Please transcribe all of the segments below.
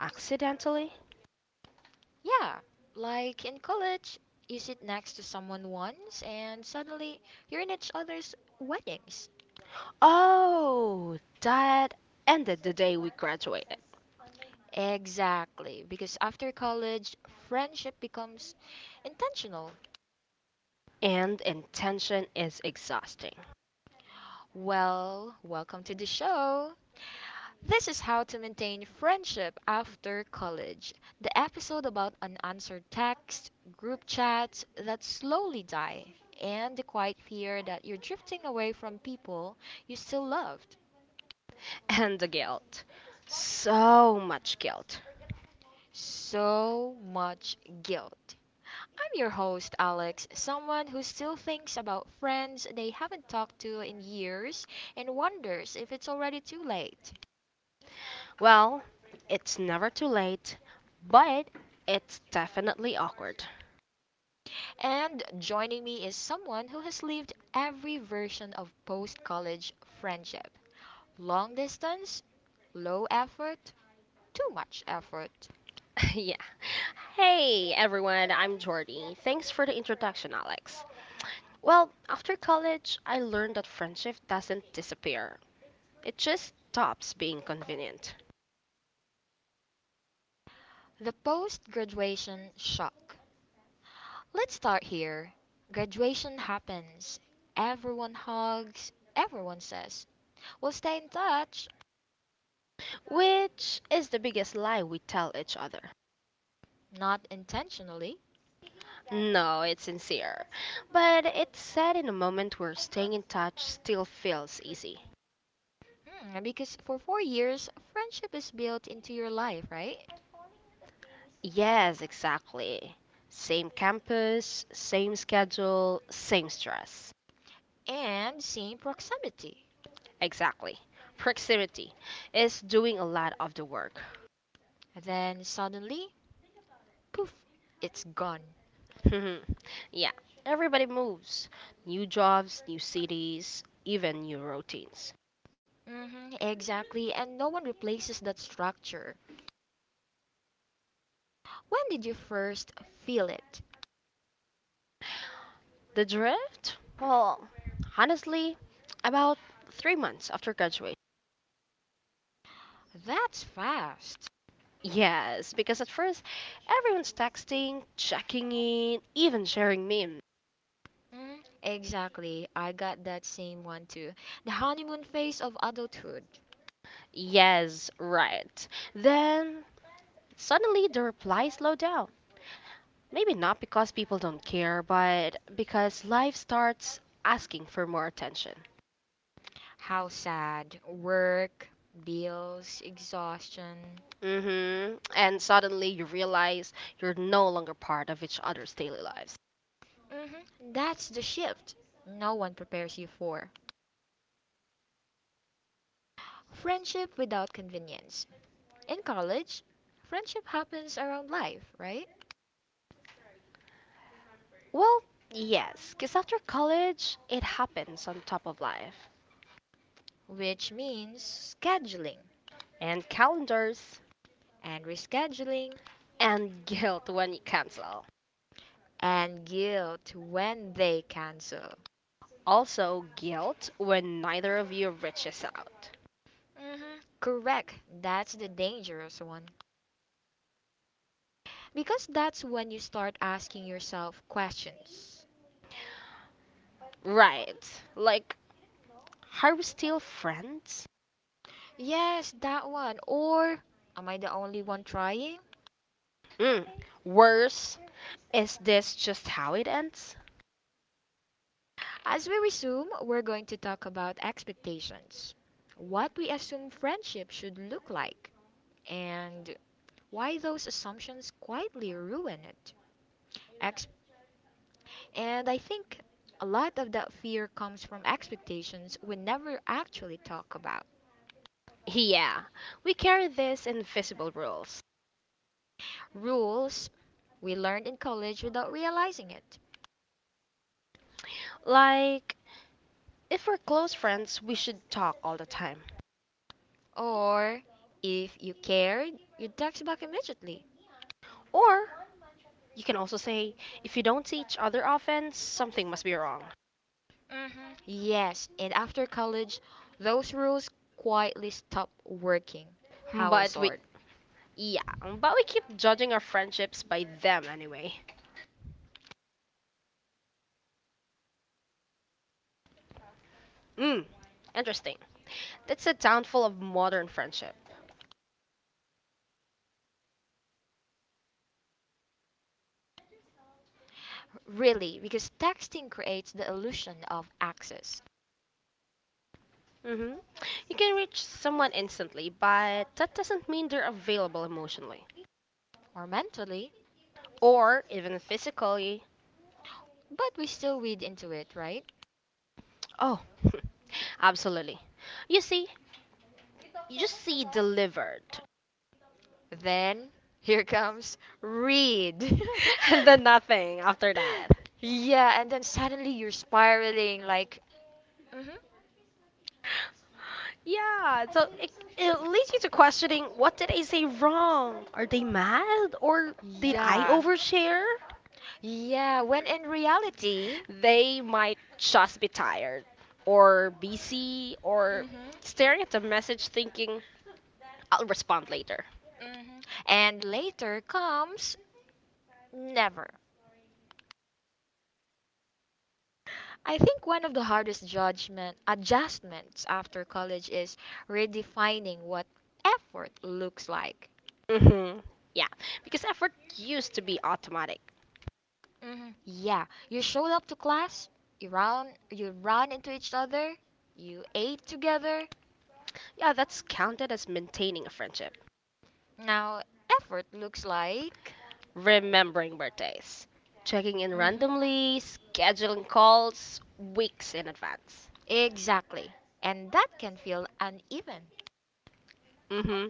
Accidentally? Yeah, like in college, you sit next to someone once and suddenly you're in each other's weddings. Oh, that ended the day we graduated. Exactly, because after college, friendship becomes intentional. And intention is exhausting. Well, welcome to the show. This is how to maintain friendship after college. The episode about unanswered texts, group chats that slowly die, and the quiet fear that you're drifting away from people you still loved. And the guilt. So much guilt. So much guilt. I'm your host, Alex, someone who still thinks about friends they haven't talked to in years and wonders if it's already too late. Well, it's never too late, but it's definitely awkward. And joining me is someone who has lived every version of post college friendship long distance, low effort, too much effort. Yeah. Hey, everyone, I'm Jordy. Thanks for the introduction, Alex. Well, after college, I learned that friendship doesn't disappear, it just stops being convenient. The post graduation shock. Let's start here. Graduation happens. Everyone hugs, everyone says, we'll stay in touch, Which is the biggest lie we tell each other. not intentionally. No, it's sincere. But it's said in a moment where staying in touch still feels easy. Because for 4 years, friendship is built into your life, right? Yes, exactly. Same campus, same schedule, same stress. And same proximity. Exactly. Proximity is doing a lot of the work. Then suddenly, poof, it's gone. Yeah, everybody moves. New jobs, new cities, even new routines. Exactly, and no one replaces that structure. When did you first feel it? The drift? Well, honestly, about 3 months after graduation. That's fast. Yes, because at first everyone's texting, checking in, even sharing memes. Mm, exactly. I got that same one too. The honeymoon phase of adulthood. Yes, right. Then suddenly the replies slow down. Maybe not because people don't care, but because life starts asking for more attention. How sad. Work, bills, exhaustion. Mm-hmm. And suddenly you realize you're no longer part of each other's daily lives. hmm That's the shift no one prepares you for. Friendship without convenience. In college, friendship happens around life, right? Well, yes, 'cause after college, it happens on top of life. Which means scheduling And calendars. and rescheduling And guilt when you cancel. and guilt when they cancel. Also, guilt when neither of you reaches out. hmm Correct. That's the dangerous one. Because that's when you start asking yourself questions. Right. Like, are we still friends? Yes, that one. Or am I the only one trying? Mm. Worse, is this just how it ends? As we resume, we're going to talk about expectations, what we assume friendship should look like, and why those assumptions quietly ruin it. And I think a lot of that fear comes from expectations we never actually talk about. Yeah, we carry these invisible rules. Rules we learned in college without realizing it. Like, if we're close friends, we should talk all the time. Or if you cared, you'd text back immediately. Or you can also say, if you don't see each other often, something must be wrong. hmm Yes, and after college, those rules quietly stop working. How But we, absurd. yeah, but we keep judging our friendships by them anyway. Mm, interesting. That's the downfall of modern friendship. Really, because texting creates the illusion of access, hmm You can reach someone instantly, but that doesn't mean they're available emotionally or mentally, or even physically. but we still read into it, right? Oh, absolutely. You see, you just see delivered, Then here comes read. and then nothing after that. yeah, and then suddenly you're spiraling like, Mhm. Yeah, so it leads you to questioning what did I say wrong? Are they mad or did I Yeah, overshare? yeah. When in reality, They might just be tired or busy or Mhm. staring at the message thinking, I'll respond later. Mhm. And later comes never. I think one of the hardest judgment adjustments after college is redefining what effort looks like. Hmm. Yeah, because effort used to be automatic. Yeah, you showed up to class, you ran into each other, you ate together. Yeah, that's counted as maintaining a friendship, Now, effort looks like. remembering birthdays, checking in Mhm. randomly, scheduling calls weeks in advance. Exactly. And that can feel uneven. hmm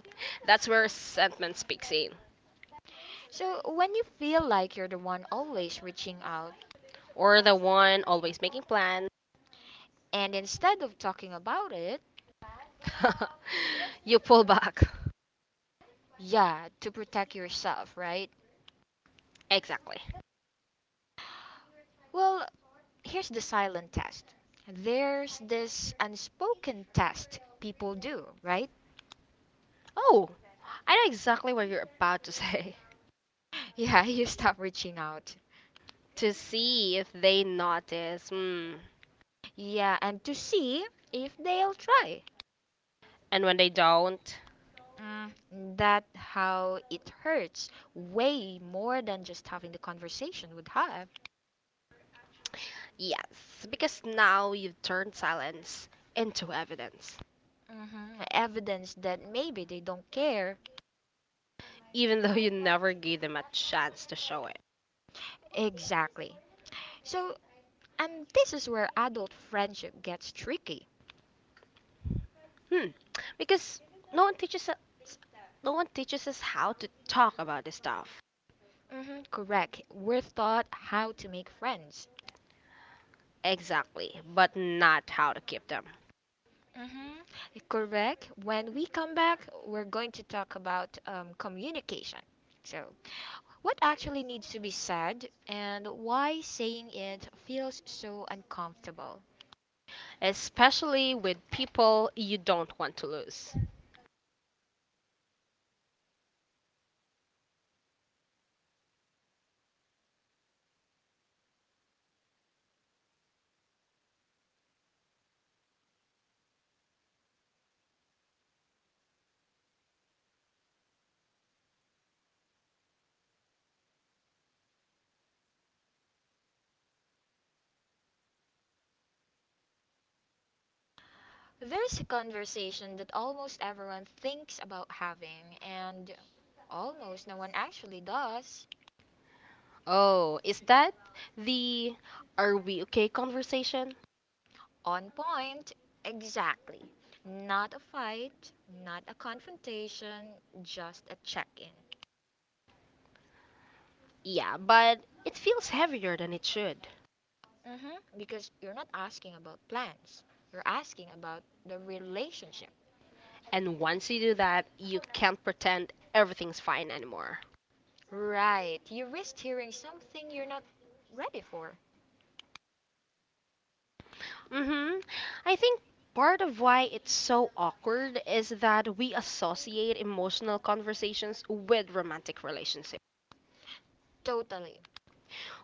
That's where resentment speaks in. So, when you feel like you're the one always reaching out, Or the one always making plans. and instead of talking about it, You pull back. yeah, to protect yourself, right? Exactly. Well, here's the silent test. There's this unspoken test people do, right? Oh, I know exactly what you're about to say. Yeah, you stop reaching out. To see if they notice. Hmm. Yeah, and to see if they'll try. And when they don't, Mm, that how it hurts way more than just having the conversation would have. yes, because now you've turned silence into evidence, Evidence that maybe they don't care. even though you never gave them a chance to show it. Exactly. So, and this is where adult friendship gets tricky. Hmm. Because no one teaches us, no one teaches us how to talk about this stuff. Correct. We're taught how to make friends, Exactly, but not how to keep them, Mhm. Correct. When we come back, we're going to talk about communication. So, what actually needs to be said and why saying it feels so uncomfortable. especially with people you don't want to lose. There's a conversation that almost everyone thinks about having, and almost no one actually does. Oh, is that the are we okay conversation? On point, exactly. Not a fight, not a confrontation, just a check in. Yeah, but it feels heavier than it should. Because you're not asking about plans, you're asking about the relationship. And once you do that, you can't pretend everything's fine anymore. Right. You risked hearing something you're not ready for. Mhm. I think part of why it's so awkward is that we associate emotional conversations with romantic relationships. Totally.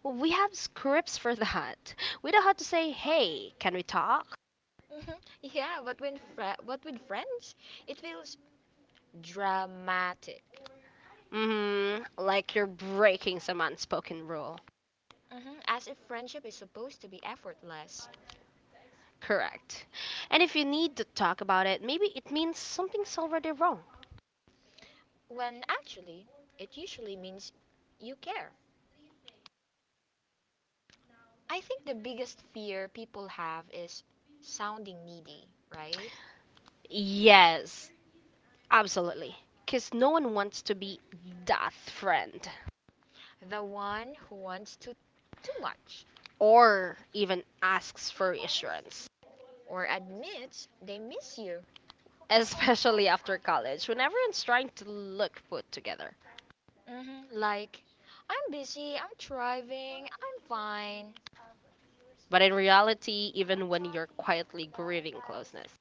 We have scripts for that. We know how to say, hey, can we talk? hmm Yeah, but with friends, it feels dramatic. Mm-hmm. Like you're breaking some unspoken rule. As if friendship is supposed to be effortless, Correct. And if you need to talk about it, maybe it means something's already wrong. when actually, it usually means you care. I think the biggest fear people have is sounding needy, right? Yes, absolutely. Because no one wants to be that friend The one who wants to too much. or even asks for reassurance, Or admits they miss you. especially after college when everyone's trying to look put together. Like, I'm busy, I'm thriving, I'm fine. But in reality, even when you're quietly grieving closeness.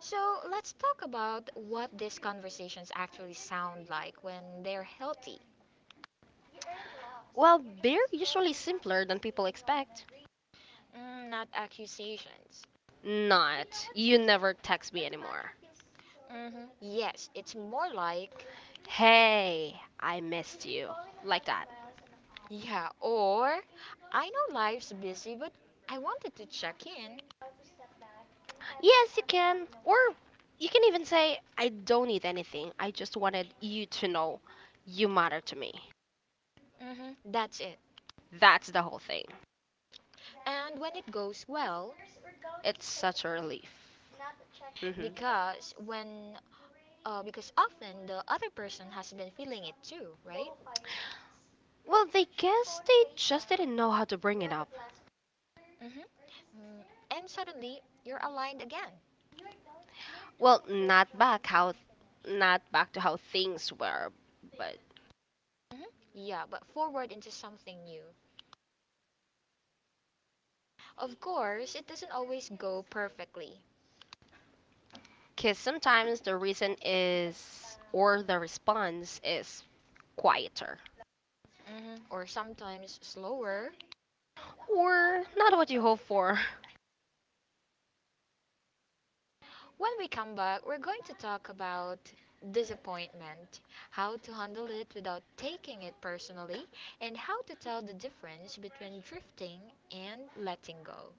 So let's talk about what these conversations actually sound like when they're healthy. Well, they're usually simpler than people expect. Mm, not accusations. Not, you never text me anymore. Yes, it's more like, Hey, I missed you. Like that. yeah, or I know life's busy, but I wanted to check in. Yes, you can. Or you can even say, I don't need anything. I just wanted you to know you matter to me. That's it. That's the whole thing. And when it goes well, It's such a relief. hmm because when because often the other person has been feeling it too, right? Well, they guess they just didn't know how to bring it up. Mm-hmm. Mm, and suddenly you're aligned again. Well, not back to how Yeah, but forward into something new. Of course, it doesn't always go perfectly, the response is quieter, or sometimes slower. or not what you hope for. When we come back, we're going to talk about disappointment, how to handle it without taking it personally, and how to tell the difference between drifting and letting go.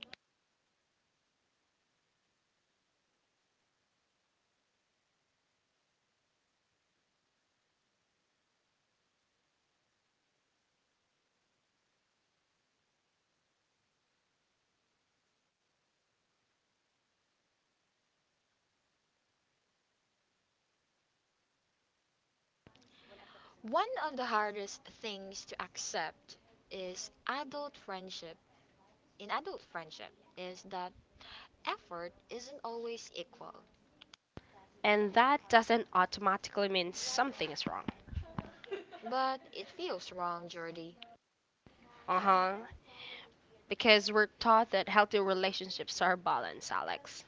One of the hardest things to accept is adult friendship. In adult friendship, is that effort isn't always equal, And that doesn't automatically mean something is wrong. but it feels wrong, Jordy. Uh huh. Because we're taught that healthy relationships are balanced, Alex.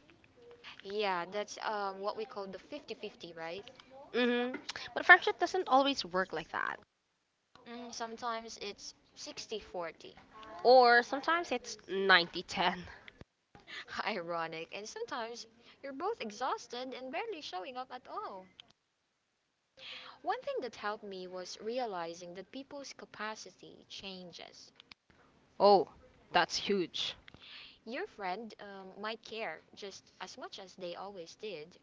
Yeah, that's what we call the 50-50, right? Mm-hmm. But friendship doesn't always work like that. Mm, sometimes it's 60-40. Or sometimes it's 90-10. Ironic, and sometimes you're both exhausted and barely showing up at all. One thing that helped me was realizing that people's capacity changes. Oh, that's huge. Your friend might care just as much as they always did,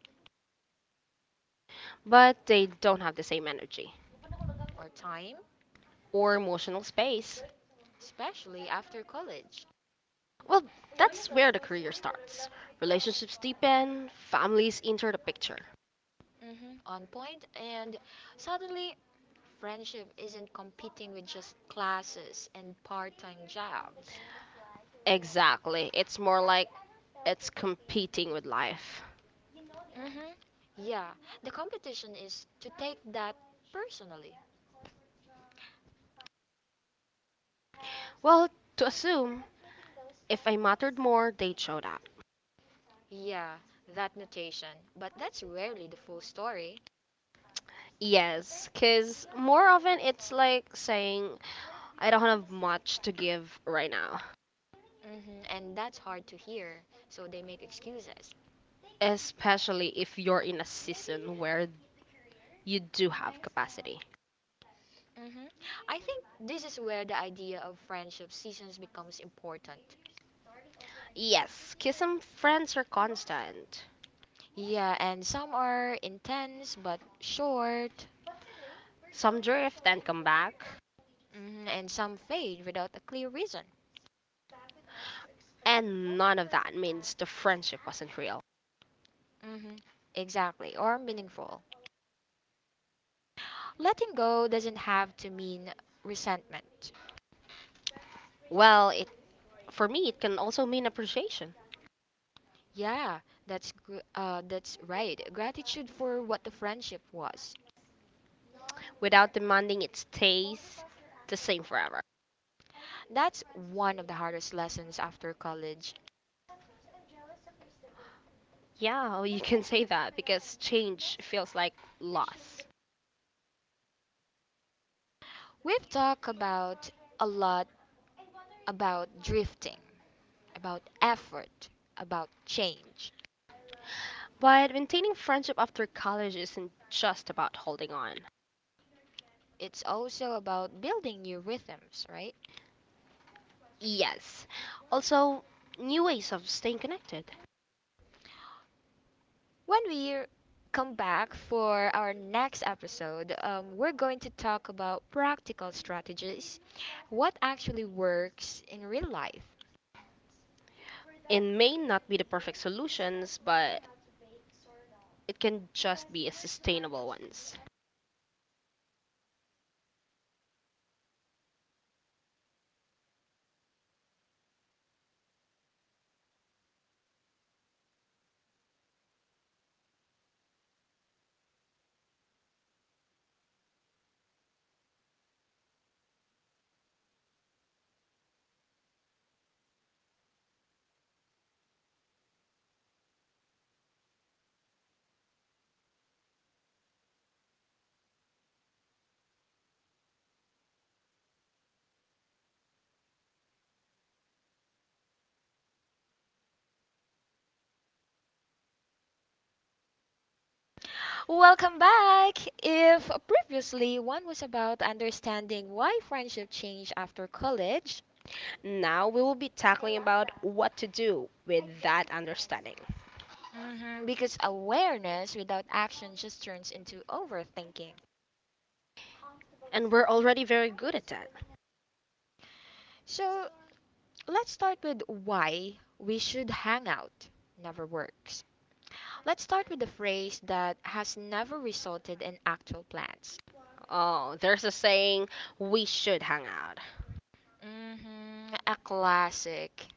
But they don't have the same energy or time, or emotional space. especially after college. Well, that's where the career starts. Relationships deepen, families enter the picture. Mm-hmm. On point, and suddenly, friendship isn't competing with just classes and part time jobs. Exactly. It's more like it's competing with life. Mm-hmm. Yeah, the competition is to take that personally. Well, to assume, if I mattered more, they'd showed up. Yeah, that notation. But that's rarely the full story, Yes, because more often it's like saying, I don't have much to give right now. Mm-hmm. And that's hard to hear, so they make excuses. Especially if you're in a season where you do have capacity. hmm I think this is where the idea of friendship seasons becomes important. Yes, because some friends are constant. Yeah, and some are intense but short, Some drift and come back. And some fade without a clear reason. And none of that means the friendship wasn't real. hmm Exactly, or meaningful. Letting go doesn't have to mean resentment. Well, it for me, it can also mean appreciation, Yeah, that's right. Gratitude for what the friendship was. without demanding it stays the same forever. That's one of the hardest lessons after college. Yeah, well, you can say that because change feels like loss. We've talked about a lot about drifting. About effort, about change. But maintaining friendship after college isn't just about holding on. It's also about building new rhythms, right? Yes. Also, new ways of staying connected. When we come back for our next episode, we're going to talk about practical strategies, what actually works in real life. It may not be the perfect solutions, but it can just be a sustainable ones. Welcome back! If previously one was about understanding why friendship change after college, Now we will be tackling about what to do with that understanding. mhm, because awareness without action just turns into overthinking. And we're already very good at that. So let's start with why we should hang out never works. Let's start with the phrase that has never resulted in actual plans. Oh, there's a saying we should hang out. A classic.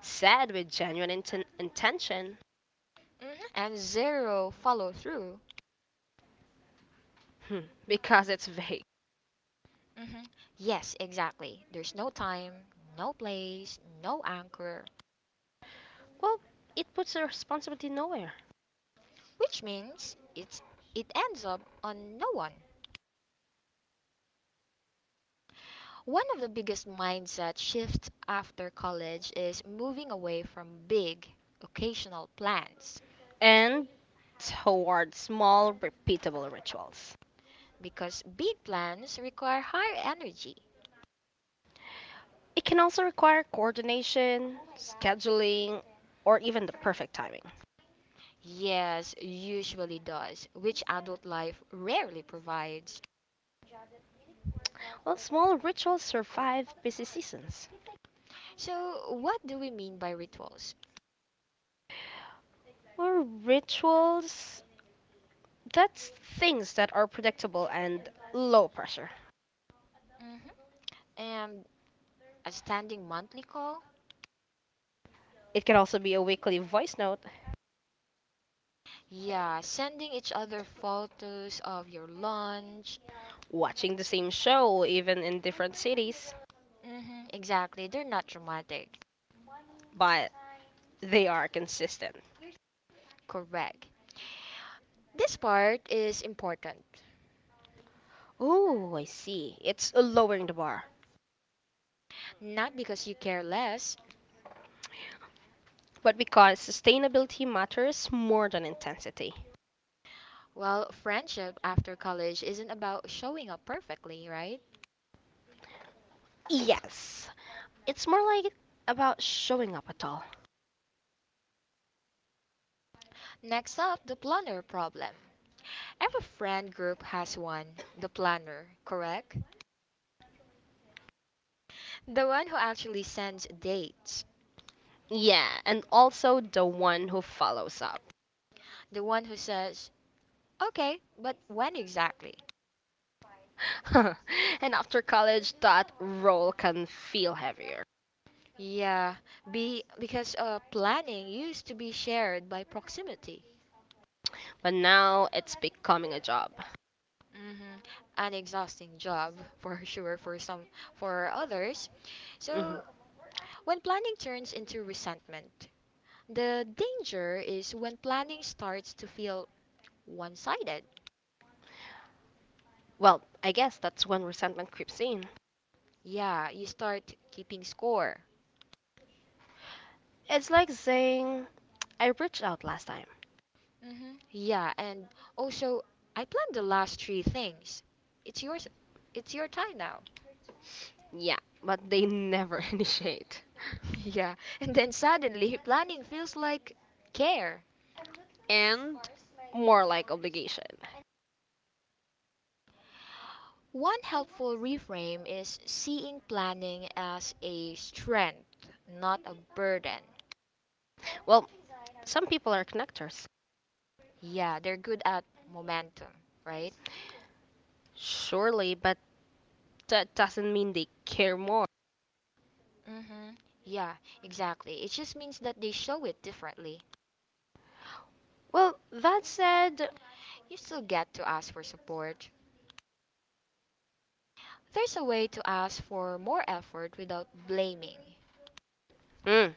Said with genuine intention. And zero follow through. Hmm, because it's vague. hmm Yes, exactly. There's no time, no place, no anchor, Well, it puts the responsibility nowhere. which means it ends up on no one. One of the biggest mindset shifts after college is moving away from big occasional plans. And toward small, repeatable rituals. Because big plans require higher energy. It can also require coordination, scheduling, or even the perfect timing. Yes, usually does, which adult life rarely provides. Well, small rituals survive busy seasons. So, what do we mean by rituals? Well, rituals, that's things that are predictable and low pressure. hmm And a standing monthly call? It can also be a weekly voice note Yeah, sending each other photos of your lunch. watching the same show even in different cities, Exactly, they're not dramatic. but they are consistent. Correct. This part is important. Oh, I see. It's lowering the bar. Not because you care less. But because sustainability matters more than intensity. Well, friendship after college isn't about showing up perfectly, right? Yes. It's more like about showing up at all. Next up, the planner problem. Every friend group has one, the planner, correct? The one who actually sends dates. Yeah, and also the one who follows up. The one who says, okay, but when exactly? And after college, that role can feel heavier. Yeah, be, because planning used to be shared by proximity. But now it's becoming a job. hmm An exhausting job for sure for some for others. Mhm. So when planning turns into resentment, the danger is when planning starts to feel one sided. Well, I guess that's when resentment creeps in. Yeah, you start keeping score. It's like saying, I reached out last time. Yeah, and also I planned the last three things. It's yours. It's your time now. Yeah, but they never initiate. Yeah, and then suddenly planning feels like care. And more like obligation. One helpful reframe is seeing planning as a strength, not a burden. Well, some people are connectors. Yeah, they're good at momentum, right? Surely, but that doesn't mean they care more. Mm-hmm. Yeah, exactly. It just means that they show it differently. Well, that said, You still get to ask for support, there's a way to ask for more effort without blaming. hmm,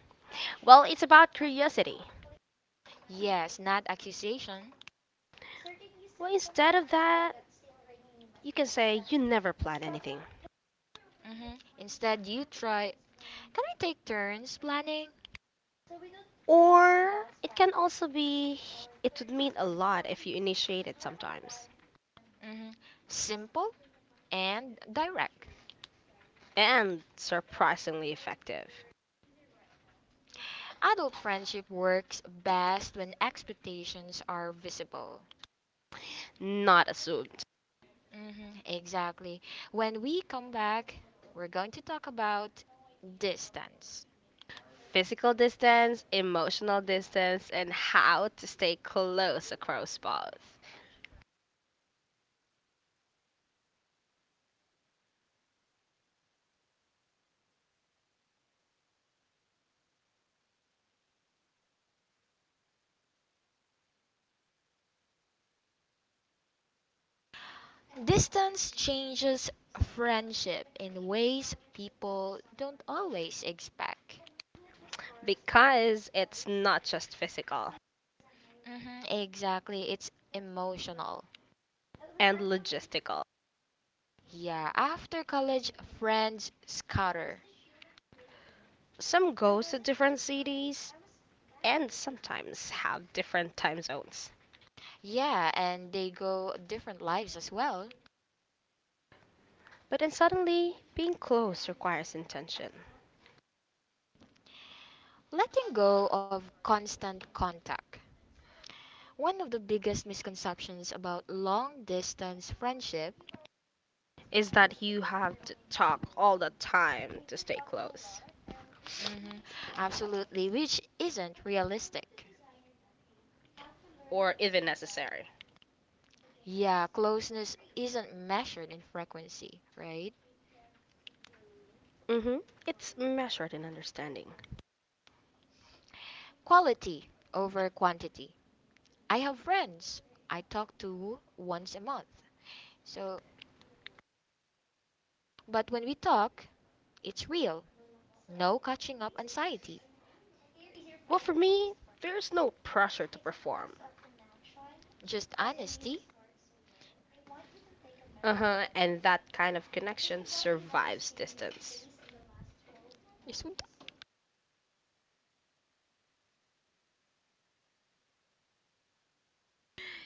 well, it's about curiosity. Yes, not accusation. Well, instead of that, you can say you never plan anything. Instead, you try. Can we take turns planning? Or it can also be, it would mean a lot if you initiate it sometimes. hmm Simple and direct. And surprisingly effective, Adult friendship works best when expectations are visible. not assumed. Exactly. When we come back, we're going to talk about distance. Physical distance, emotional distance, and how to stay close across both. Distance changes friendship in ways people don't always expect. Because it's not just physical Mhm, exactly. It's emotional. and logistical. Yeah, after college, friends scatter. Some go to different cities and sometimes have different time zones. Yeah, and they go different lives as well. But then suddenly, being close requires intention. Letting go of constant contact. One of the biggest misconceptions about long distance friendship, Is that you have to talk all the time to stay close, hmm absolutely, which isn't realistic. or even necessary? Yeah, closeness isn't measured in frequency, right? hmm It's measured in understanding. Quality over quantity. I have friends I talk to once a month so, but when we talk, it's real. No catching up anxiety, Well, for me, there's no pressure to perform. just honesty. Uh-huh, and that kind of connection survives distance, Yes. we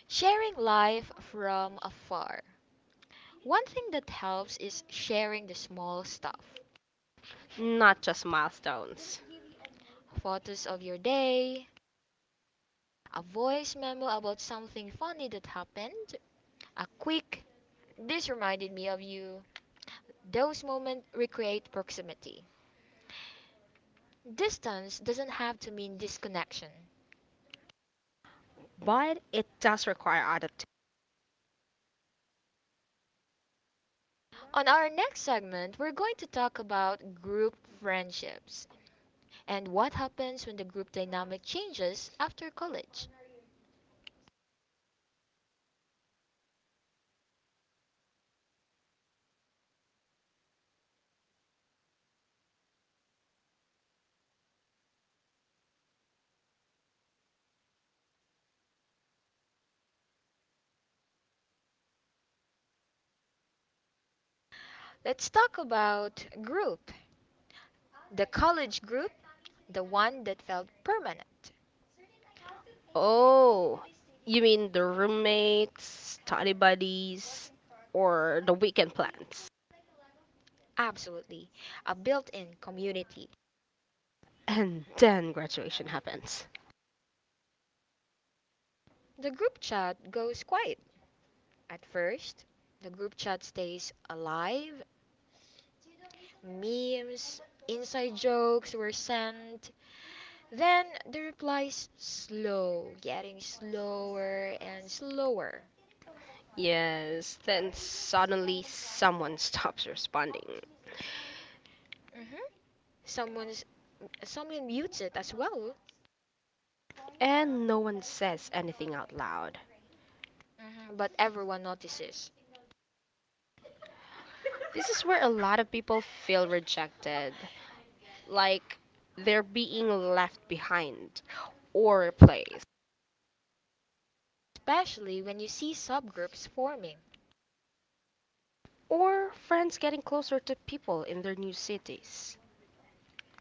Sharing life from afar. One thing that helps is sharing the small stuff. not just milestones. Photos of your day, a voice memo about something funny that happened, a quick, this reminded me of you. Those moments recreate proximity. Distance doesn't have to mean disconnection. But it does require adaptation. On our next segment, we're going to talk about group friendships and what happens when the group dynamic changes after college. Let's talk about group, the college group, the one that felt permanent. Oh, you mean the roommates, study buddies, or the weekend plans? Absolutely, a built in community. And then graduation happens. The group chat goes quiet at first, the group chat stays alive, memes, inside jokes were sent, then the replies slow, getting slower and slower. Yes, then suddenly someone stops responding, Mhm. Someone's Someone mutes it as well, and no one says anything out loud. Mhm, but everyone notices. This is where a lot of people feel rejected. Like they're being left behind or replaced, Especially when you see subgroups forming. or friends getting closer to people in their new cities.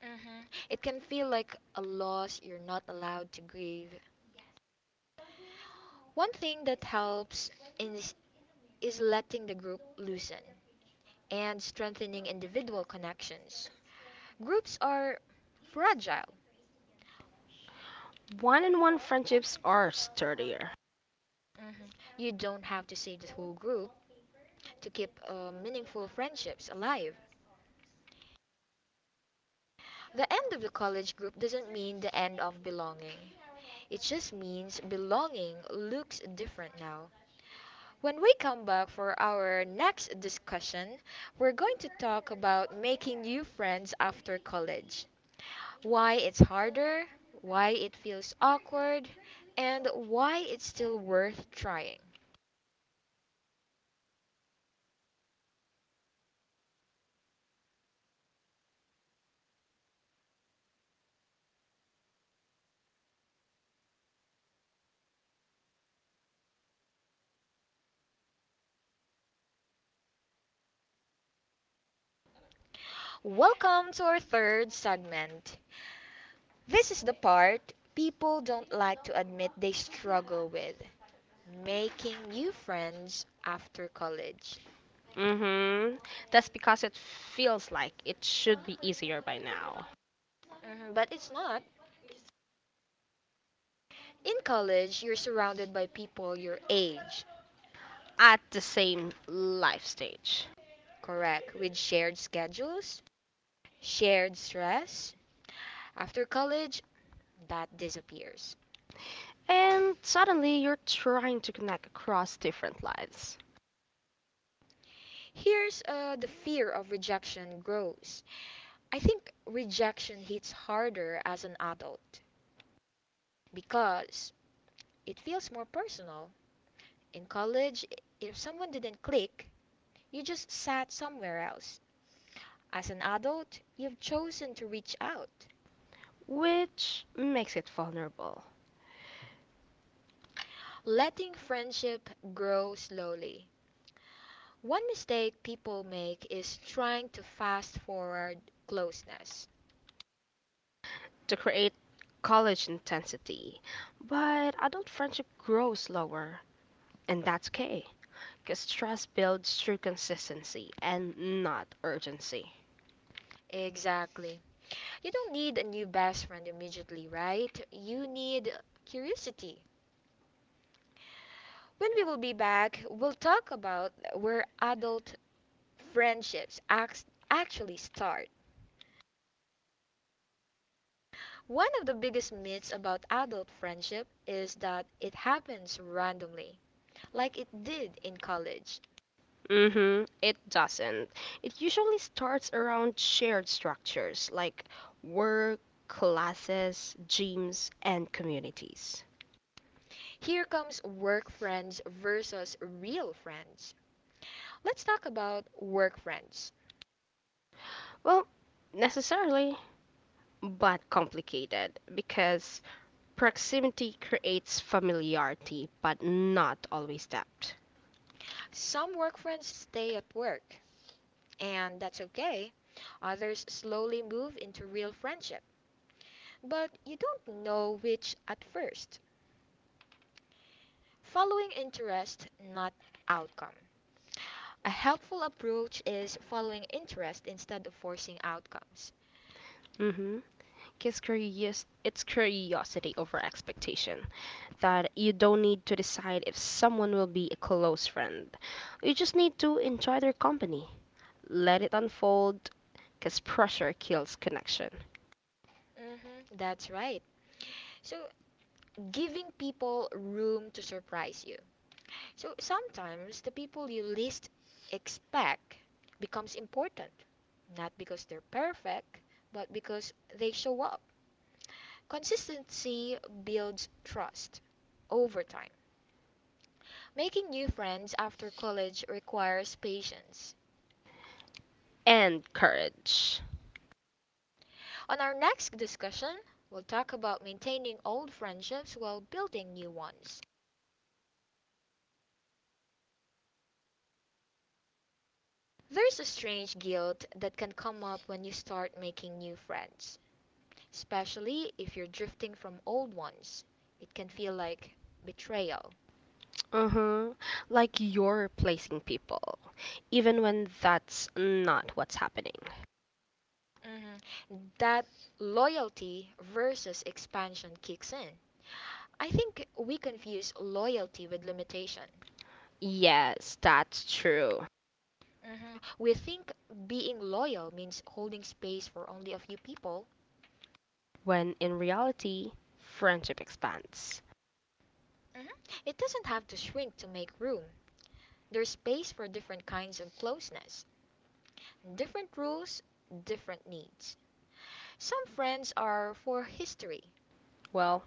Mhm. It can feel like a loss you're not allowed to grieve. One thing that helps is, is letting the group loosen and strengthening individual connections. Groups are fragile. One on one friendships are sturdier. Mhm. You don't have to save the whole group to keep meaningful friendships alive. The end of the college group doesn't mean the end of belonging. It just means belonging looks different now. When we come back for our next discussion, we're going to talk about making new friends after college. Why it's harder, why it feels awkward, and why it's still worth trying. Welcome to our third segment. This is the part people don't like to admit they struggle with making new friends after college. Mm-hmm. That's because it feels like it should be easier by now. Mhm, but it's not. In college, you're surrounded by people your age, At the same life stage. correct, with shared schedules, shared stress. After college, that disappears. And suddenly you're trying to connect across different lives, Here's the fear of rejection grows. I think rejection hits harder as an adult because it feels more personal. In college, if someone didn't click, you just sat somewhere else. As an adult, you've chosen to reach out, which makes it vulnerable. letting friendship grow slowly. One mistake people make is trying to fast forward closeness. To create college intensity. But adult friendship grows slower, and that's okay. Because trust builds through consistency and not urgency. Exactly. You don't need a new best friend immediately, right? You need curiosity. When we will be back, we'll talk about where adult friendships actually start. One of the biggest myths about adult friendship is that it happens randomly, like it did in college. Mm-hmm, it doesn't. It usually starts around shared structures like work, classes, gyms, and communities. Here comes work friends versus real friends. Let's talk about work friends. Well, necessarily, but complicated because proximity creates familiarity, but not always depth. Some work friends stay at work, and that's okay. Others slowly move into real friendship, but you don't know which at first. Following interest, not outcome. A helpful approach is following interest instead of forcing outcomes. Mm-hmm. It's curiosity over expectation. That you don't need to decide if someone will be a close friend. You just need to enjoy their company. Let it unfold, because pressure kills connection. Mm-hmm, that's right. So, giving people room to surprise you. So, sometimes the people you least expect becomes important, not because they're perfect, but because they show up. Consistency builds trust over time. Making new friends after college requires patience. And courage. On our next discussion, we'll talk about maintaining old friendships while building new ones. There's a strange guilt that can come up when you start making new friends, especially if you're drifting from old ones. It can feel like betrayal. Mm-hmm. Like you're replacing people, even when that's not what's happening. Mhm. That loyalty versus expansion kicks in. I think we confuse loyalty with limitation. Yes, that's true. Mhm. We think being loyal means holding space for only a few people. When in reality, friendship expands. Mhm. It doesn't have to shrink to make room. There's space for different kinds of closeness, different rules, different needs. Some friends are for history. Well,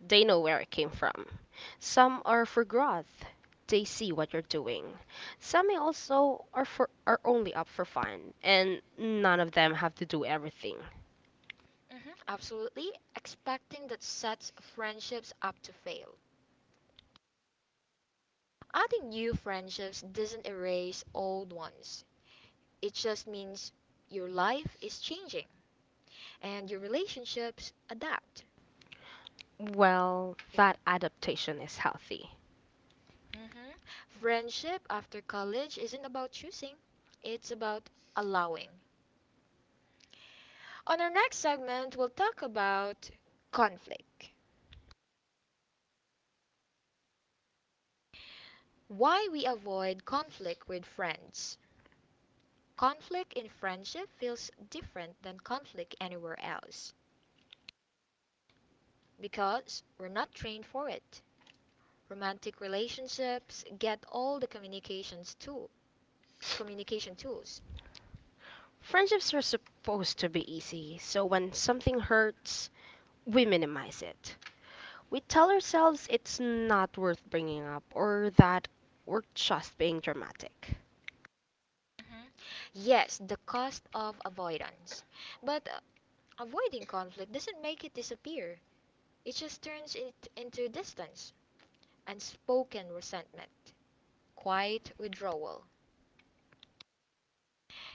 they know where it came from. Some are for growth. They see what you're doing. Some may also are for are only up for fun, and none of them have to do everything. Mhm. Absolutely, expecting that sets friendships up to fail. Adding new friendships doesn't erase old ones. It just means your life is changing and your relationships adapt. Well, that adaptation is healthy. Mhm. Friendship after college isn't about choosing, it's about allowing. On our next segment, we'll talk about conflict. Why we avoid conflict with friends. Conflict in friendship feels different than conflict anywhere else because we're not trained for it. Romantic relationships get all the communications tool, communication tools. Friendships are supposed to be easy, so when something hurts, we minimize it. We tell ourselves it's not worth bringing up or that we're just being dramatic. Mhm. Yes, the cost of avoidance. But avoiding conflict doesn't make it disappear. It just turns it into distance, unspoken resentment, quiet withdrawal.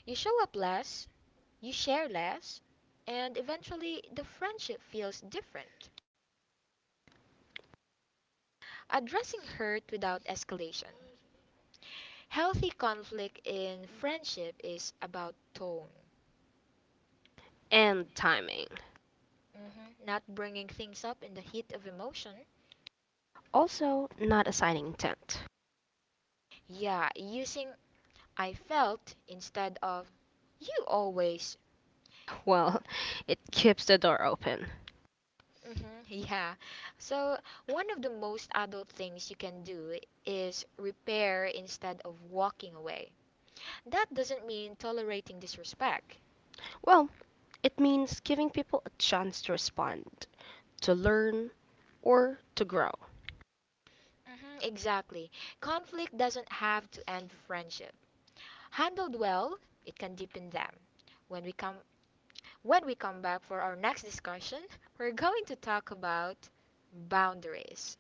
You show up less, you share less, and eventually the friendship feels different. Addressing hurt without escalation. Healthy conflict in friendship is about tone. And timing. Mhm. Not bringing things up in the heat of emotion. Also, not assigning intent. Yeah, using I felt instead of you always. Well, it keeps the door open. Mhm. Yeah. So, one of the most adult things you can do is repair instead of walking away. That doesn't mean tolerating disrespect. Well, it means giving people a chance to respond, to learn, or to grow. Mhm. Exactly. Conflict doesn't have to end friendship. Handled well, it can deepen them. When we come when we come back for our next discussion, we're going to talk about boundaries.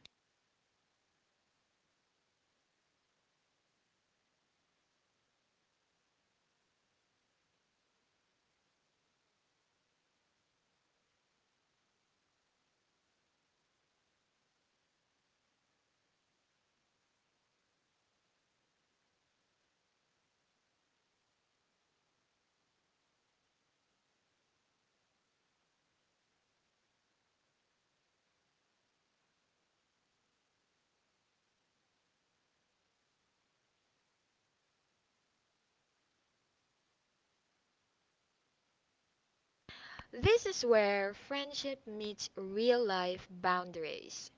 This is where friendship meets real life boundaries.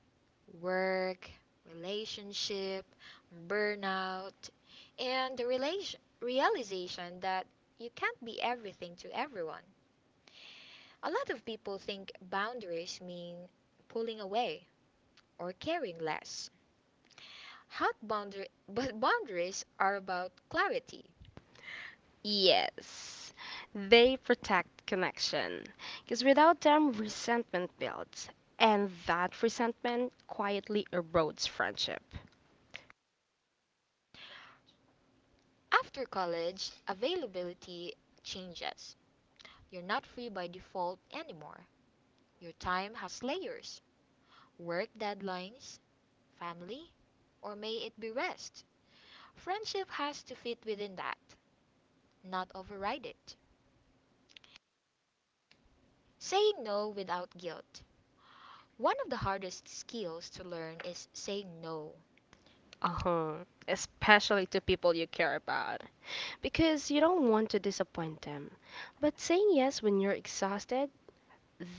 Work, relationship, burnout, and the realization that you can't be everything to everyone. A lot of people think boundaries mean pulling away or caring less. Hot boundary, but boundaries are about clarity. Yes, they protect connection. Because without them, resentment builds. And that resentment quietly erodes friendship. After college, availability changes. You're not free by default anymore. Your time has layers: work deadlines, family? Or may it be rest? Friendship has to fit within that, not override it. Saying no without guilt. One of the hardest skills to learn is saying no. Uh huh. Especially to people you care about. Because you don't want to disappoint them. But saying yes when you're exhausted,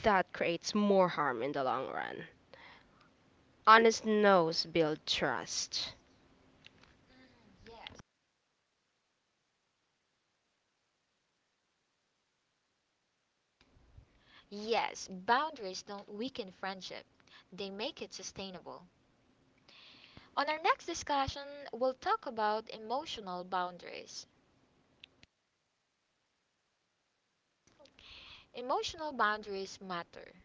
that creates more harm in the long run. Honest no's build trust. Yes, boundaries don't weaken friendship, they make it sustainable. On our next discussion, we'll talk about emotional boundaries. Emotional boundaries matter.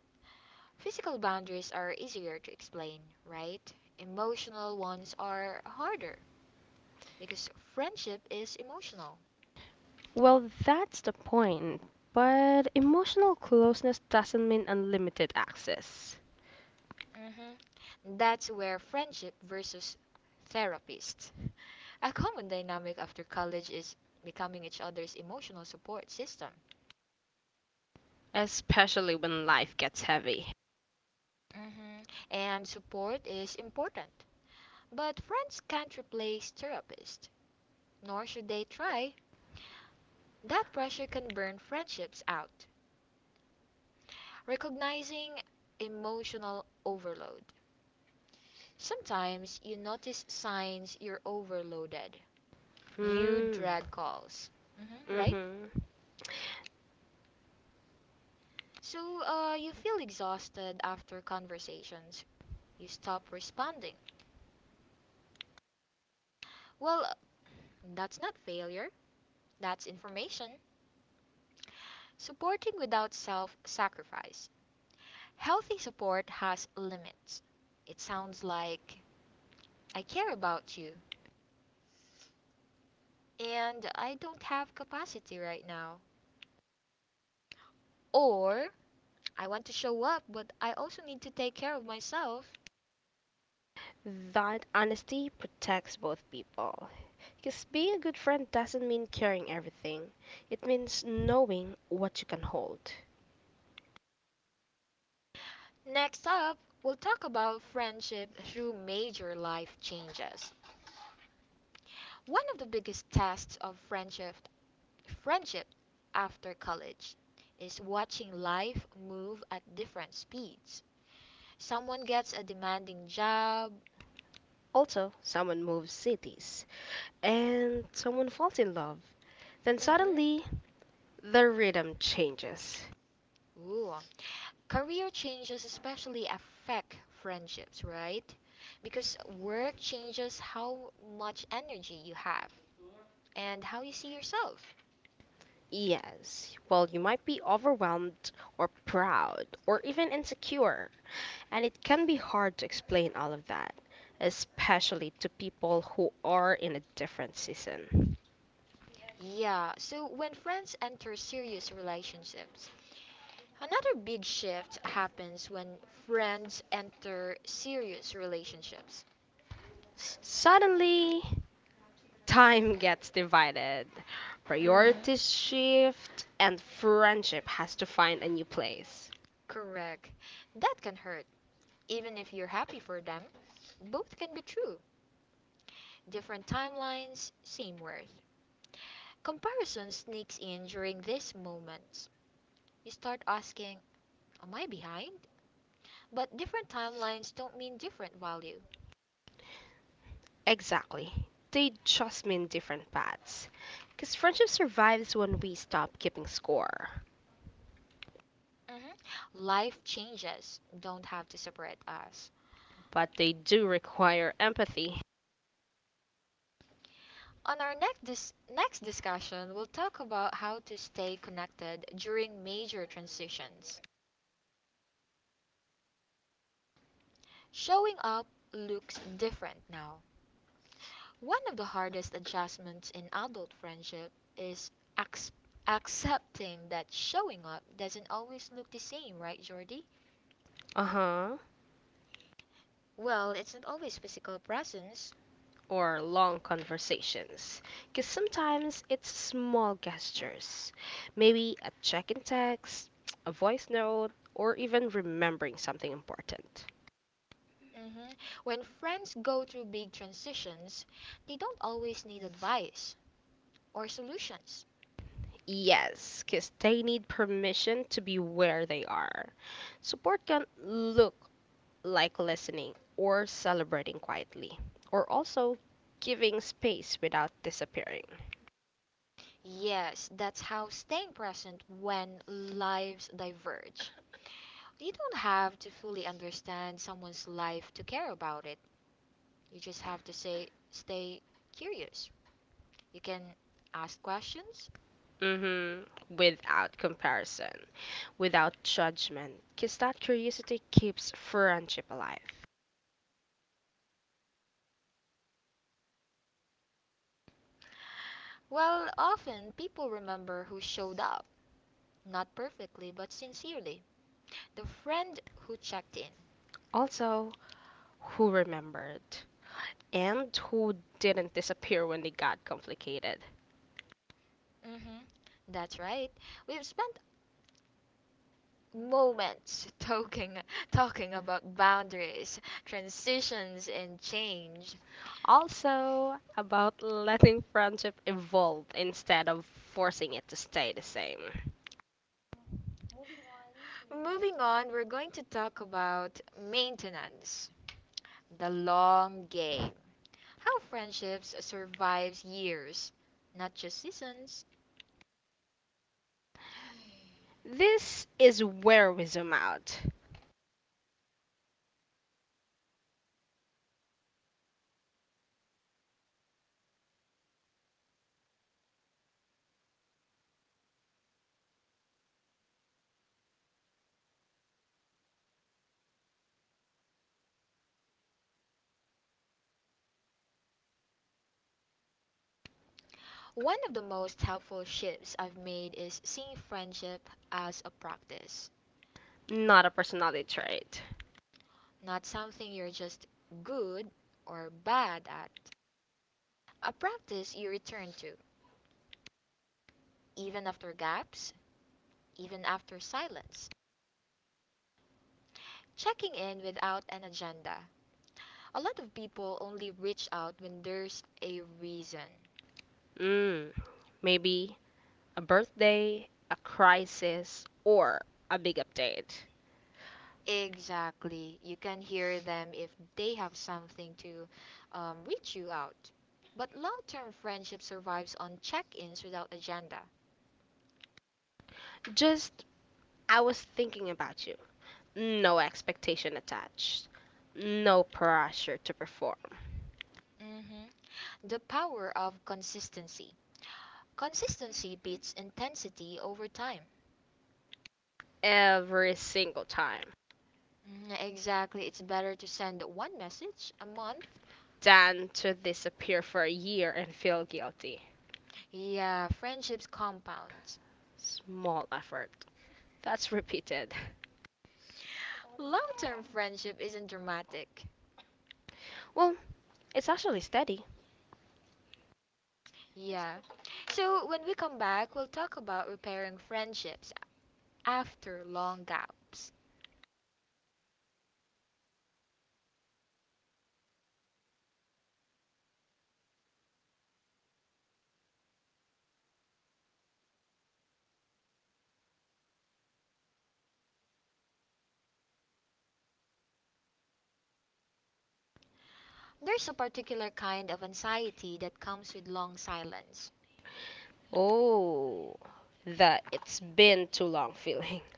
Physical boundaries are easier to explain, right? Emotional ones are harder, because friendship is emotional. Well, that's the point. But emotional closeness doesn't mean unlimited access. Hmm. That's where friendship versus therapist. A common dynamic after college is becoming each other's emotional support system. Especially when life gets heavy. Hmm. And support is important. But friends can't replace therapists, nor should they try. That pressure can burn friendships out. Recognizing emotional overload. Sometimes you notice signs you're overloaded. You Mm, dread calls, hmm, right? mhm. So you feel exhausted after conversations. You stop responding. Well, that's not failure, that's information. Supporting without self sacrifice. Healthy support has limits. It sounds like I care about you and I don't have capacity right now. Or, I want to show up, but I also need to take care of myself. That honesty protects both people. 'Cause being a good friend doesn't mean carrying everything. It means knowing what you can hold. Next up, we'll talk about friendship through major life changes. One of the biggest tests of friendship after college is watching life move at different speeds. Someone gets a demanding job. Also, someone moves cities, and someone falls in love. Then suddenly Mhm. the rhythm changes. Ooh. Career changes especially affect friendships, right? Because work changes how much energy you have and how you see yourself. Yes, well, you might be overwhelmed, or proud, or even insecure, and it can be hard to explain all of that, especially to people who are in a different season. Yeah, so when friends enter serious relationships, another big shift happens when friends enter serious relationships. S- Suddenly, time gets divided, mhm. priorities shift, and friendship has to find a new place. Correct. That can hurt even if you're happy for them, both can be true. Different timelines, same worth. Comparison sneaks in during these moments. You start asking, am I behind? But different timelines don't mean different value. Exactly. They just mean different paths. Because friendship survives when we stop keeping score, Mhm. Life changes don't have to separate us. but they do require empathy. On our next next discussion, we'll talk about how to stay connected during major transitions. Showing up looks different now. One of the hardest adjustments in adult friendship is ac- accepting that showing up doesn't always look the same, right, Jordy? Uh-huh. Well, it's not always physical presence. Or long conversations, because sometimes it's small gestures, maybe a check-in text, a voice note, or even remembering something important. Hmm. When friends go through big transitions, they don't always need advice or solutions. Yes, because they need permission to be where they are. Support can look like listening or celebrating quietly, or also giving space without disappearing. Yes, that's how staying present when lives diverge. You don't have to fully understand someone's life to care about it. You just have to say stay curious. You can ask questions. Mm-hmm. Hmm. Without comparison, without judgment, because that curiosity keeps friendship alive. Well, often people remember who showed up, not perfectly, but sincerely. The friend who checked in, Also, who remembered and who didn't disappear when they got complicated. mm-hmm. That's right. We've spent moments talking about boundaries, transitions, and change. Also, about letting friendship evolve instead of forcing it to stay the same. Moving on, we're going to talk about maintenance, the long game. How friendships survives years, not just seasons. This is where we zoom out, One of the most helpful shifts I've made is seeing friendship as a practice. not a personality trait. Not something you're just good or bad at. A practice you return to, even after gaps, even after silence. Checking in without an agenda. A lot of people only reach out when there's a reason. Mm, Maybe a birthday, a crisis, or a big update. Exactly. You can hear them if they have something to reach you out. But long term friendship survives on check ins without agenda. Just, I was thinking about you. No expectation attached, no pressure to perform Hmm. The power of consistency. Consistency beats intensity over time. every single time, Mm, exactly. It's better to send one message a month. than to disappear for a year and feel guilty. Yeah, friendships compound. Small effort. That's repeated. Long term friendship isn't dramatic. Well, it's actually steady. Yeah. So when we come back, we'll talk about repairing friendships after long gaps. There's a particular kind of anxiety that comes with long silence. Oh, the it's been too long feeling.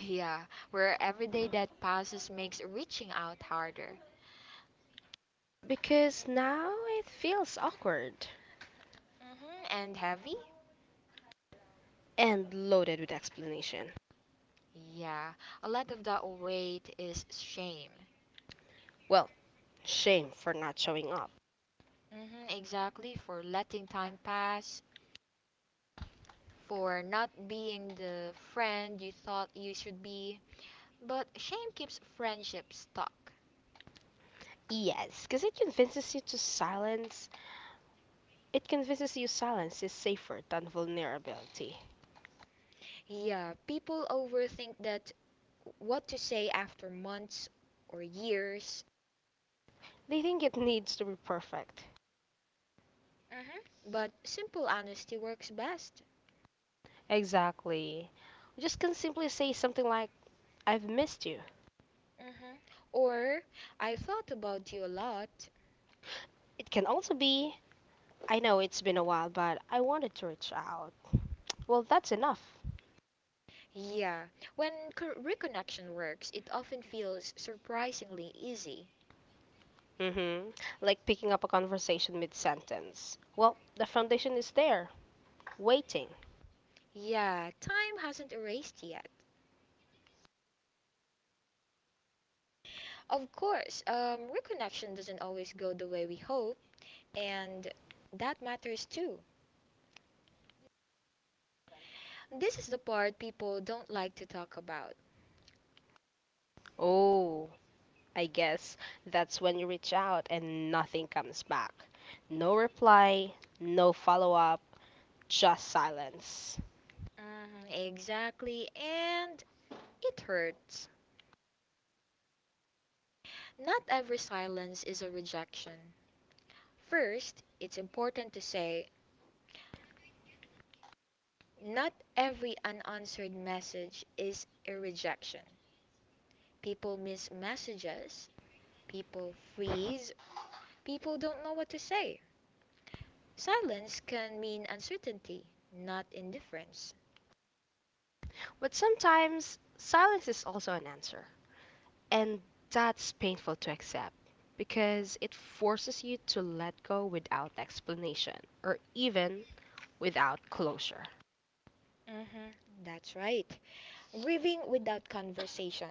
Yeah, where every day that passes makes reaching out harder. Because now it feels awkward Hmm. And heavy? and loaded with explanation. Yeah, a lot of that weight is shame. Well, shame for not showing up. Hmm, exactly, for letting time pass, for not being the friend you thought you should be. But shame keeps friendship stuck. Yes, because it convinces you to silence. It convinces you silence is safer than vulnerability. Yeah, people overthink that, what to say after months or years, They think it needs to be perfect. but simple honesty works best. Exactly. Just can simply say something like, I've missed you. Hmm. Or, I thought about you a lot. It can also be, I know it's been a while, but I wanted to reach out. Well, that's enough. Yeah, when reconnection works, it often feels surprisingly easy. Mm-hmm. Like picking up a conversation mid sentence. Well, the foundation is there, waiting. Yeah, time hasn't erased yet. Of course, reconnection doesn't always go the way we hope, and that matters too. This is the part people don't like to talk about. Oh, I guess that's when you reach out and nothing comes back. No reply, no follow up, just silence. Mhm, exactly, and it hurts. Not every silence is a rejection. First, it's important to say not every unanswered message is a rejection. People miss messages, people freeze, people don't know what to say. Silence can mean uncertainty, not indifference. But sometimes silence is also an answer. And that's painful to accept, because it forces you to let go without explanation, or even without closure. Hmm. That's right. Grieving without conversation.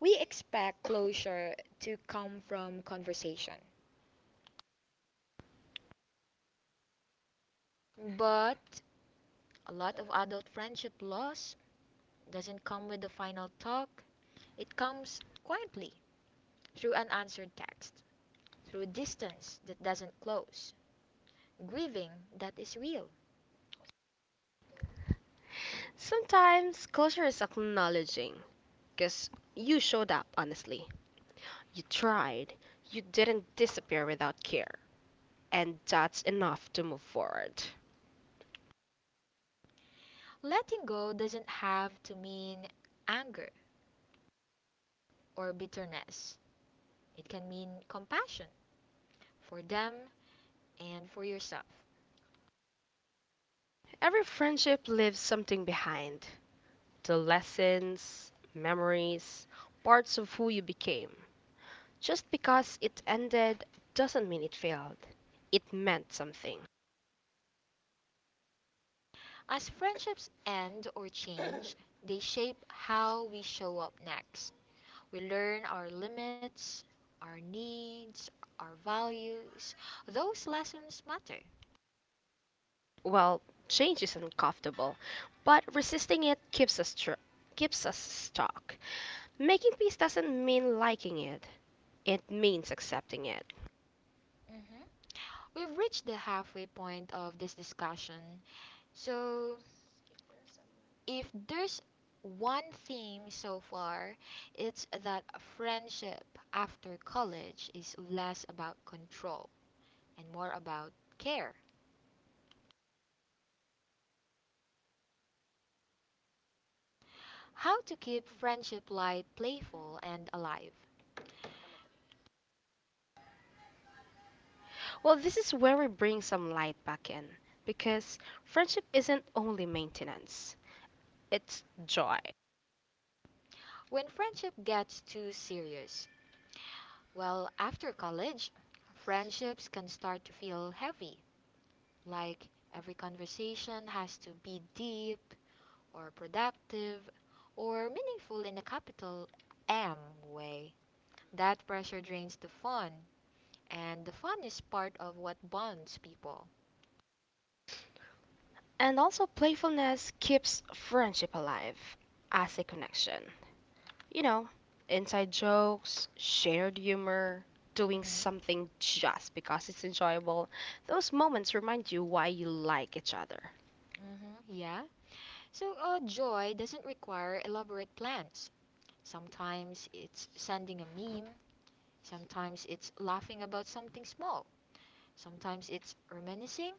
We expect closure to come from conversation. But a lot of adult friendship loss doesn't come with the final talk, it comes quietly, through unanswered text, through distance that doesn't close, grieving that is real. Sometimes closure is acknowledging because you showed up honestly, you tried, you didn't disappear without care, and that's enough to move forward. Letting go doesn't have to mean anger or bitterness. It can mean compassion for them and for yourself. Every friendship leaves something behind, the lessons, memories, parts of who you became. Just because it ended doesn't mean it failed. It meant something. As friendships end or change, they shape how we show up next. We learn our limits, our needs, our values. Those lessons matter. Well, change is uncomfortable, but resisting it keeps us stuck. Making peace doesn't mean liking it. It means accepting it. Mm-hmm. We've reached the halfway point of this discussion. So, if there's one theme so far, it's that friendship after college is less about control and more about care. How to keep friendship light, playful, and alive. Well, this is where we bring some light back in, because friendship isn't only maintenance. It's joy. When friendship gets too serious, well, after college, friendships can start to feel heavy, like every conversation has to be deep or productive or meaningful in a capital M way. That pressure drains the fun, and the fun is part of what bonds people. And also playfulness keeps friendship alive as a connection. You know, inside jokes, shared humor, doing Mm-hmm. something just because it's enjoyable. Those moments remind you why you like each other. Mm-hmm. Yeah. So, joy doesn't require elaborate plans. Sometimes it's sending a meme. Sometimes it's laughing about something small. Sometimes it's reminiscing.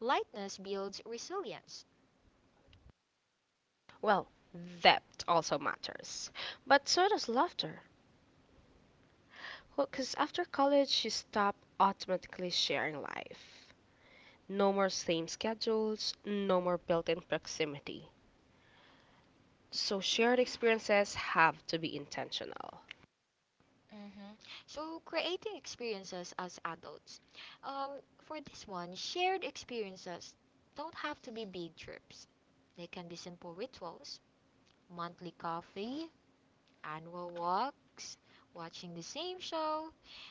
Lightness builds resilience. Well, depth also matters. But so does laughter. Because after college, you stop automatically sharing life. No more same schedules, no more built in proximity. So shared experiences have to be intentional. Mm-hmm. So, creating experiences as adults. Um, for this one, shared experiences don't have to be big trips. They can be simple rituals, monthly coffee, annual walks, watching the same show.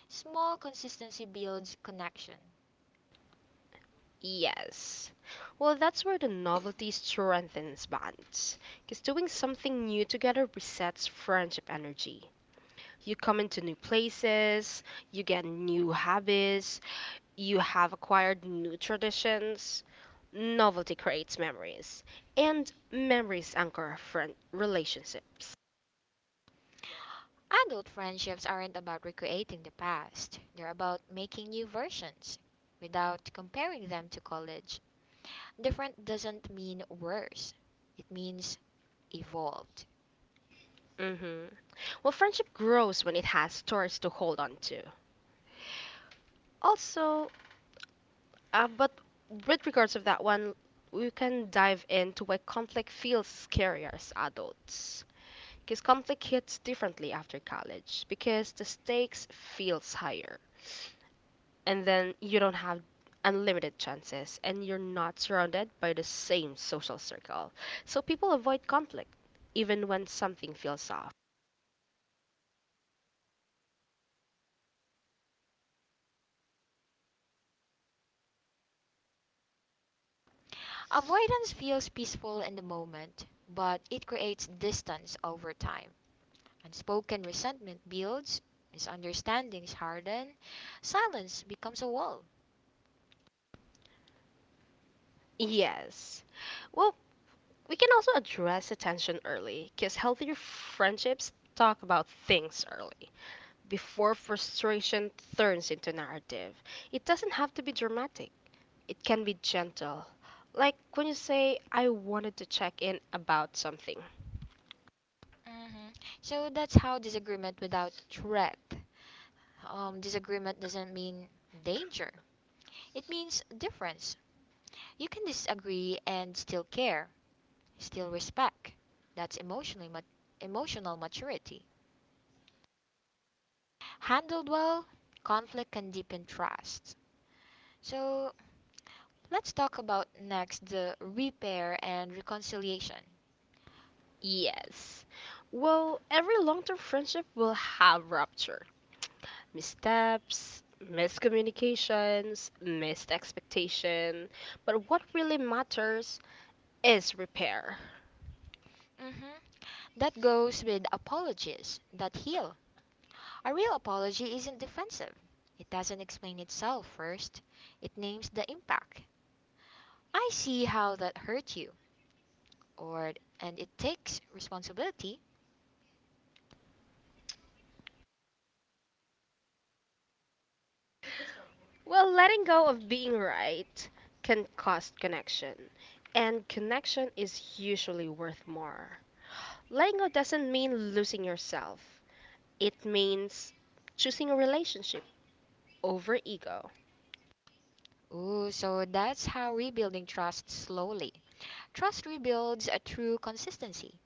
Small consistency builds connection. Yes. Well, that's where the novelty strengthens bonds. Because doing something new together resets friendship energy. You come into new places, you get new habits, you have acquired new traditions. Novelty creates memories, and memories anchor friend relationships. Adult friendships aren't about recreating the past, they're about making new versions without comparing them to college. Different doesn't mean worse. It means evolved. Hmm. Well, friendship grows when it has stories to hold on to. Also, but with regards of that one, we can dive into why conflict feels scarier as adults. Because conflict hits differently after college, because the stakes feels higher, and then you don't have unlimited chances, and you're not surrounded by the same social circle. So people avoid conflict, even when something feels off. Avoidance feels peaceful in the moment, but it creates distance over time. Unspoken resentment builds, misunderstandings harden, silence becomes a wall. Yes. Well, we can also address attention early, because healthier friendships talk about things early, before frustration turns into narrative. It doesn't have to be dramatic, it can be gentle. Like when you say, I wanted to check in about something. Hmm. So that's how disagreement without threat. Disagreement doesn't mean danger, it means difference. You can disagree and still care, still respect. That's emotional maturity. Handled well, conflict can deepen trust. So let's talk about next the repair and reconciliation. Yes. Well, every long term friendship will have rupture, missteps, miscommunications, missed expectation. But what really matters is repair. Hmm. That goes with apologies that heal. A real apology isn't defensive. It doesn't explain itself first. It names the impact. I see how that hurt you, or and it takes responsibility. Well, letting go of being right can cost connection, and connection is usually worth more. Letting go doesn't mean losing yourself, it means choosing a relationship over ego. Ooh, so that's how rebuilding trust slowly. Trust rebuilds a true consistency.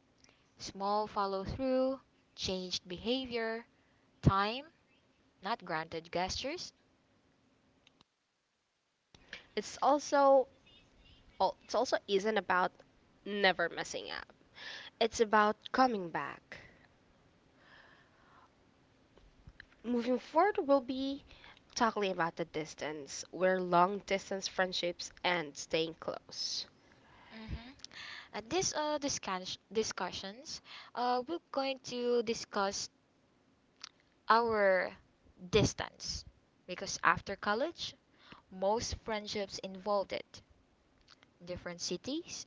Small follow through, changed behavior, time, not granted gestures. It's also it's also isn't about never messing up. It's about coming back. Moving forward, we'll be talking about the distance, where long distance friendships and staying close. Hmm. At this discussions, we're going to discuss our distance because after college, most friendships involved it. Different cities,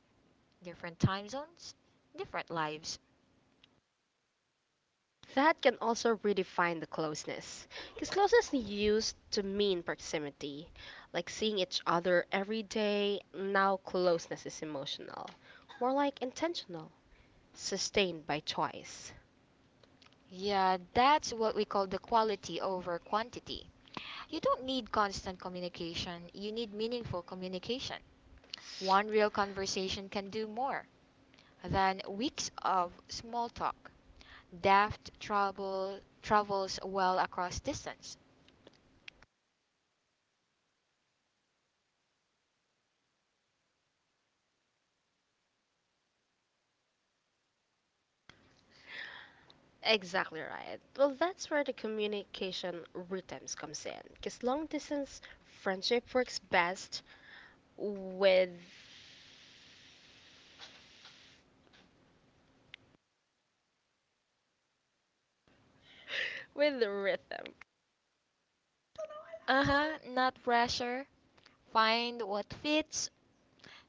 different time zones, different lives. That can also redefine the closeness. Because closeness used to mean proximity, like seeing each other every day. Now, closeness is emotional, more like intentional, sustained by choice. Yeah, that's what we call the quality over quantity. You don't need constant communication, you need meaningful communication. One real conversation can do more than weeks of small talk. Depth travels well across distance. Exactly right. Well, that's where the communication rhythms comes in. Because long distance friendship works best with with rhythm. Uh-huh, not pressure. Find what fits.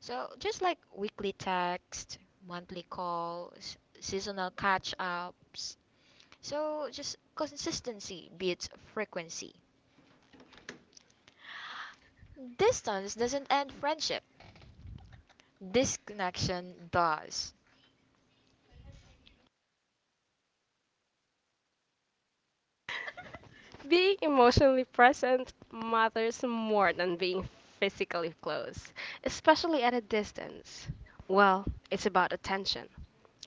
So just like weekly text, monthly calls, seasonal catch-ups. So just consistency beats frequency. Distance doesn't end friendship. Disconnection does. Being emotionally present matters more than being physically close, especially at a distance. Well, it's about attention,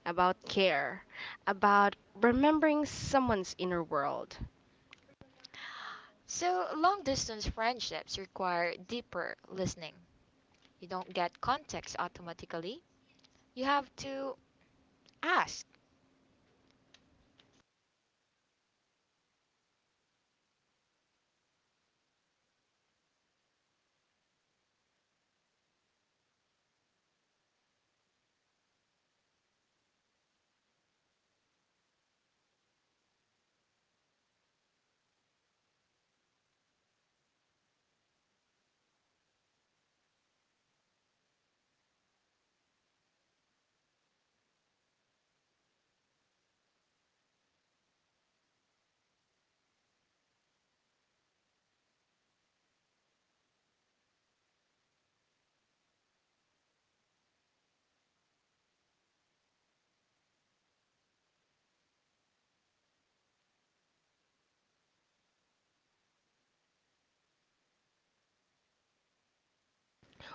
about care, about remembering someone's inner world. So, long distance friendships require deeper listening. You don't get context automatically, you have to ask.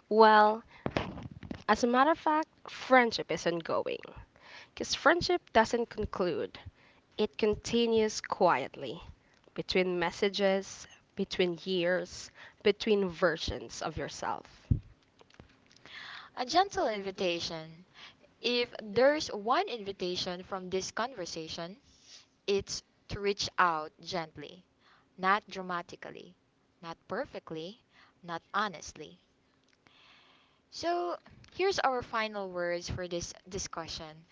Well, as a matter of fact, friendship is ongoing. Because friendship doesn't conclude, it continues quietly between messages, between years, between versions of yourself, A gentle invitation. If there's one invitation from this conversation, it's to reach out gently, not dramatically, not perfectly, not honestly. So, here's our final words for this discussion.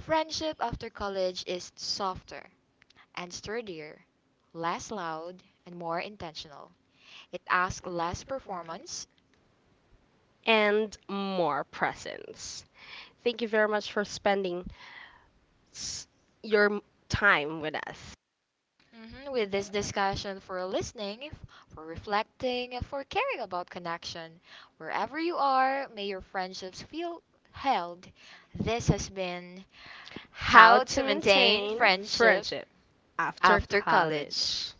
Friendship after college is softer and sturdier, less loud and more intentional. It asks less performance. and more presence. Thank you very much for spending s- your m- time with us. Mhm, with this discussion for listening, for reflecting, for caring about connection, wherever you are, may your friendships feel held. This has been How how to to maintain maintain friendship friendship friendship after after college. college. college.